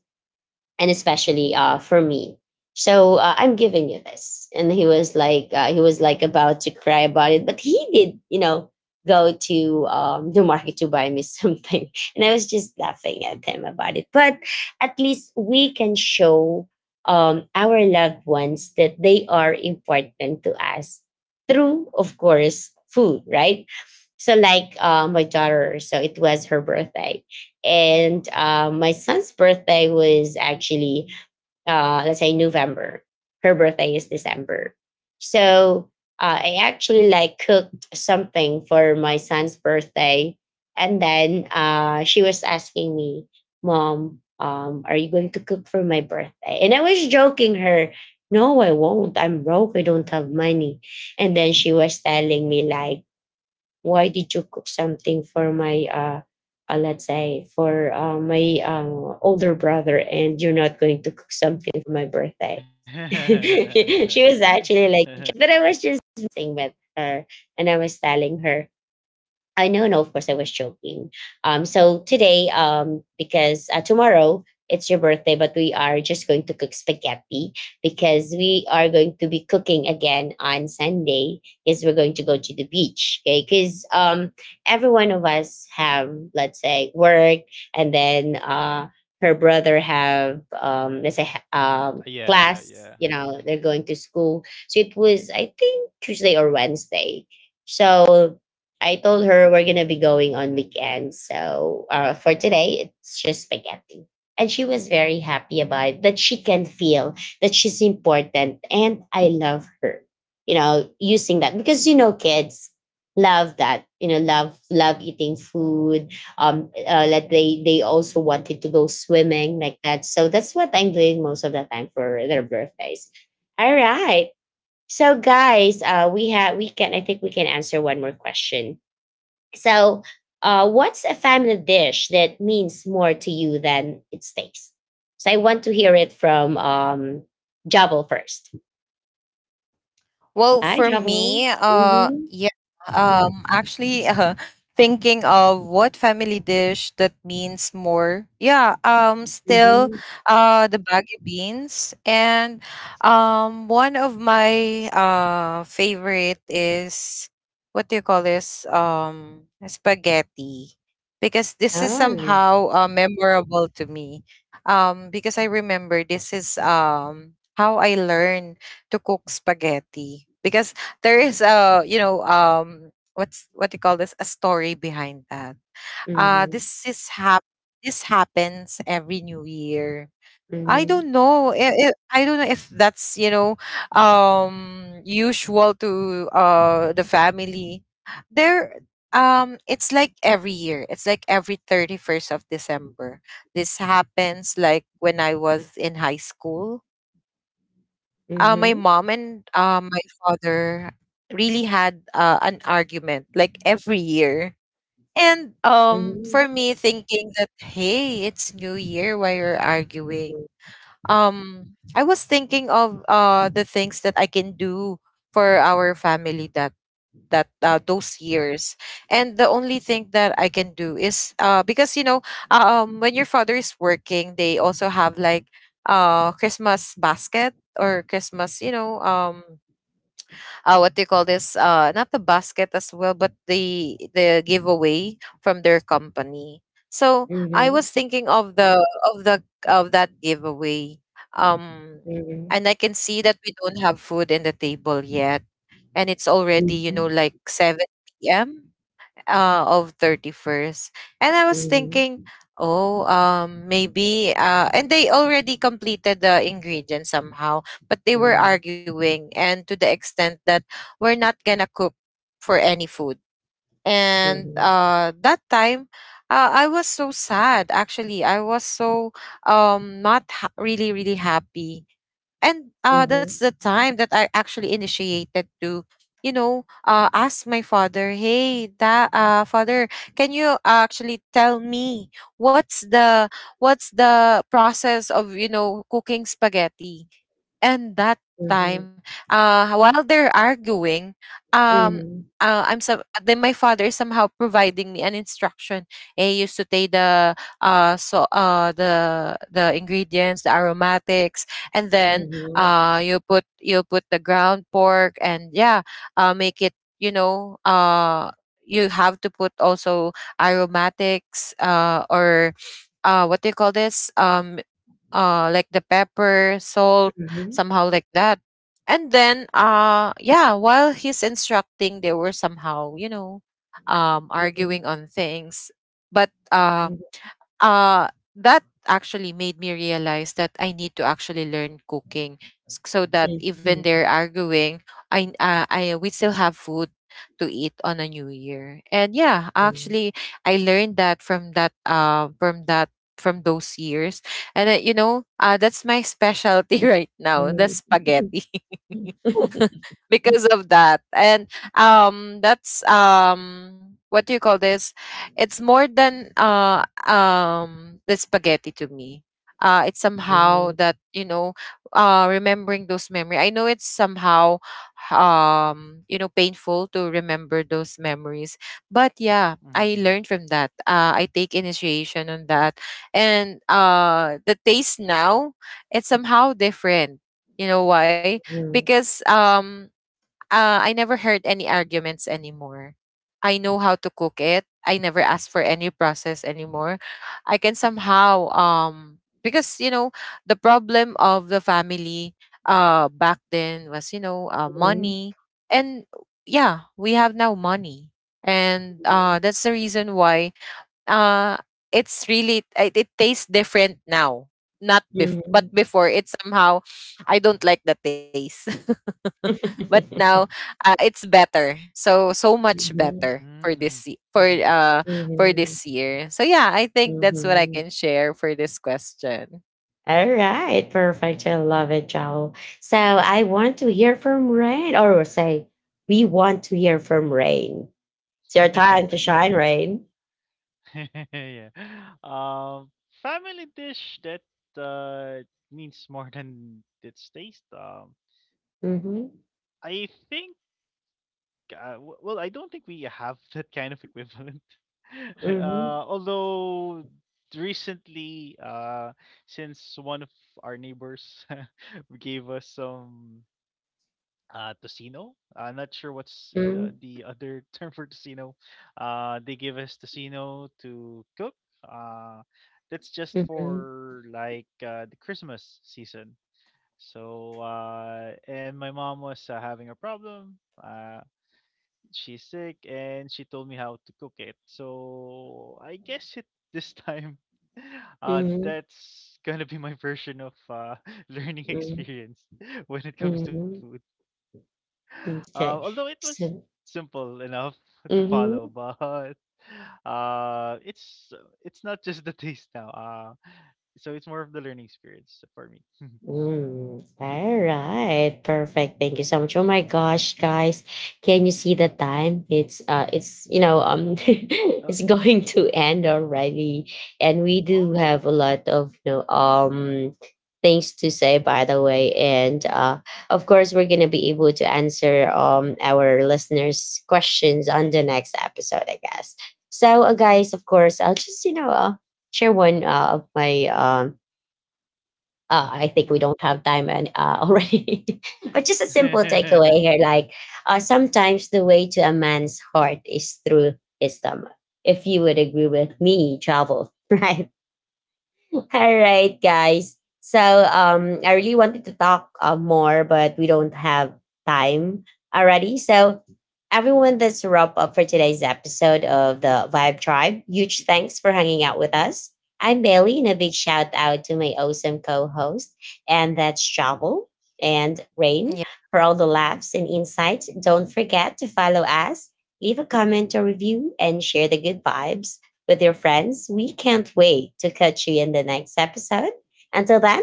A: and especially for me. So I'm giving you this. And he was like, about to cry about it, but he did, go to the market to buy me something. And I was just laughing at him about it. But at least we can show our loved ones that they are important to us through, of course, food, right? So, like, my daughter, so it was her birthday, and my son's birthday was actually, let's say, November. Her birthday is December. So I actually like cooked something for my son's birthday, and then she was asking me, mom, are you going to cook for my birthday? And I was joking her, no, I won't, I'm broke, I don't have money. And then she was telling me, like, why did you cook something for my let's say, for my, older brother, and you're not going to cook something for my birthday? She was actually like, but I was just messing with her. And I was telling her, I know, no, of course, I was joking. So today, because tomorrow it's your birthday, but we are just going to cook spaghetti, because we are going to be cooking again on Sunday. Is we're going to go to the beach, okay? Because every one of us have, let's say, work, and then her brother have, let's say,
B: Yeah,
A: class.
B: yeah.
A: You know, they're going to school. So it was, I think, Tuesday or Wednesday. So I told her we're gonna be going on weekends. So for today, it's just spaghetti. And she was very happy about it, that she can feel that she's important and I love her. You know, using that, because you know kids love that. You know, love eating food. Like they also wanted to go swimming like that. So that's what I'm doing most of the time for their birthdays. All right. So guys, we can, I think we can answer one more question, so, what's a family dish that means more to you than its taste? So, I want to hear it from Javel first.
C: Well,
A: Hi,
C: for
A: Javel.
C: me,
A: Mm-hmm.
C: yeah, actually, thinking of what family dish that means more. Yeah, still,
A: Mm-hmm.
C: the baggy beans, and one of my favorite is what do you call this? Spaghetti, because this is
A: Oh.
C: somehow memorable to me. Because I remember this is how I learned to cook spaghetti because there is a, you know, um, what's what do you call this, a story behind that.
A: Mm-hmm.
C: This this happens every new year. I
A: Mm-hmm.
C: don't know, I don't know if that's, you know, um, usual to the family there. Um, it's like every year, it's like every 31st of December, this happens. Like when I was in high school, my mom and my father really had an argument like every year. And
A: Mm-hmm.
C: for me, thinking that, hey, it's New Year, why you're arguing? I was thinking of the things that I can do for our family, that those years. And the only thing that I can do is, uh, because, you know, um, when your father is working, they also have like Christmas basket or Christmas, you know, um, what do you call this? Not the basket as well, but the giveaway from their company. So
A: Mm-hmm.
C: I
A: Mm-hmm.
C: was thinking of the of that giveaway. Um,
A: Mm-hmm.
C: and I can see that we don't have food in the table yet, and it's already,
A: Mm-hmm.
C: you
A: Mm-hmm.
C: know, like 7 p.m. Of 31st. And I was thinking, oh um, maybe, uh, and they already completed the ingredients somehow, but they
A: Mm-hmm. Mm-hmm.
C: were
A: Mm-hmm. Mm-hmm.
C: arguing, and to the extent that we're not gonna cook for any food. And that time, I was so sad. Actually, I was so not really really happy. And that's the time that I actually initiated to, you know, ask my father, "Hey, da, father, can you actually tell me what's the process of, you know, cooking spaghetti?" And that time, while they're arguing, um, I'm some then my father is somehow providing me an instruction. Hey, you saute the the ingredients, the aromatics, and then
A: Mm-hmm. Mm-hmm. Mm-hmm.
C: you put, the ground pork. And yeah, make it, you know, uh, you have to put also aromatics, or what do you call this, um, like the pepper, salt, somehow like that. And then, uh, yeah, while he's instructing, they were somehow, you know, um,
A: Mm-hmm.
C: arguing on things. But
A: Mm-hmm.
C: uh that actually made me realize that I need to actually learn cooking, so that
A: Yes.
C: even they're arguing, I we still have food to eat on a new year. And yeah, actually I learned that from that, um, from that, from those years. And you know, uh, that's my specialty right now, the
A: Mm-hmm.
C: spaghetti.
A: Mm-hmm.
C: because of that. And um, that's um, what do you call this? It's more than the spaghetti to me. It's somehow
A: Mhm,
C: that, you know, remembering those memory, I know it's somehow, um, you know, painful to remember those memories. But yeah, I
B: Mm-hmm,
C: learned from that. I take initiation on that. And the taste now, it's somehow different. You know why?
A: mhm,
C: Because um, I never heard any arguments anymore. I know how to cook it. I never ask for any process anymore. I can somehow um, because, you know, the problem of the family back then was, you know,
A: mhm,
C: money. And yeah, we have now money. And
A: mhm,
C: that's the reason why uh it's really, it tastes different now. Not but
A: mhm,
C: before, it somehow, I don't like the taste. But now, it's better, so so much
A: mhm,
C: better for this for
B: mm-hmm.
C: uh, for
A: mhm.
C: this year. So yeah, I think that's what I
A: Mhm.
C: can share for this question.
A: All right, perfect. I love it, Joel. So I want to hear from Rain, or say, we want to hear from Rain. It's your time to shine, Rain.
B: Yeah. Um, Family dish that uh, means more than its taste.
A: Mm-hmm,
B: I think. Well, I don't think we have that kind of equivalent.
A: mm-hmm,
B: Although recently, since one of our neighbors gave us some tocino, I'm not sure what's
A: mm-hmm,
B: the other term for tocino. They give us tocino to cook, uh that's just
A: mm-hmm,
B: for like, the Christmas season. So and my mom was having a problem, uh she's sick and she told me how to cook it, so I guess it this time
A: mm-hmm,
B: that's gonna be my version of learning
A: mm-hmm.
B: experience when it comes to
A: Mm-hmm.
B: food.
A: Okay.
B: Although it was
A: So,
B: simple enough to
A: mm-hmm.
B: follow, but uh, it's it's not just the taste now. So it's more of the learning experience for me.
A: Mm, all right, perfect. Thank you so much. Oh my gosh, guys, can you see the time? It's
B: Uh,
A: it's going to end already, and we do
B: oh
A: have
B: wow!
A: a lot of, things to say, by the way, and of course we're gonna be able to answer our listeners' questions on the next episode, I guess. So, guys, of course, I'll just share one of my I think we
B: Hmm.
A: don't have time and already. But just a simple takeaway here, like, sometimes the way to a man's heart is through his stomach. If you would agree with me, Travel, right? All right, guys. So I really wanted to talk more, but we don't have time already. So, everyone, that's a wrap up for today's episode of the Vibe Tribe. Huge thanks for hanging out
B: Hmm.
A: with us. I'm Bailey, and a big shout out to my awesome co-host, and that's Travel and Rain,
C: Yeah,
A: for all the laughs and insights. Don't forget to follow us, leave a comment or review, and share the good vibes with your friends. We can't wait to catch you in the next episode. Until then,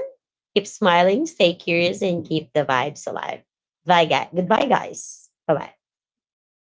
A: keep smiling, stay curious, and keep the vibes alive. Bye, guys. Goodbye, guys. Bye bye.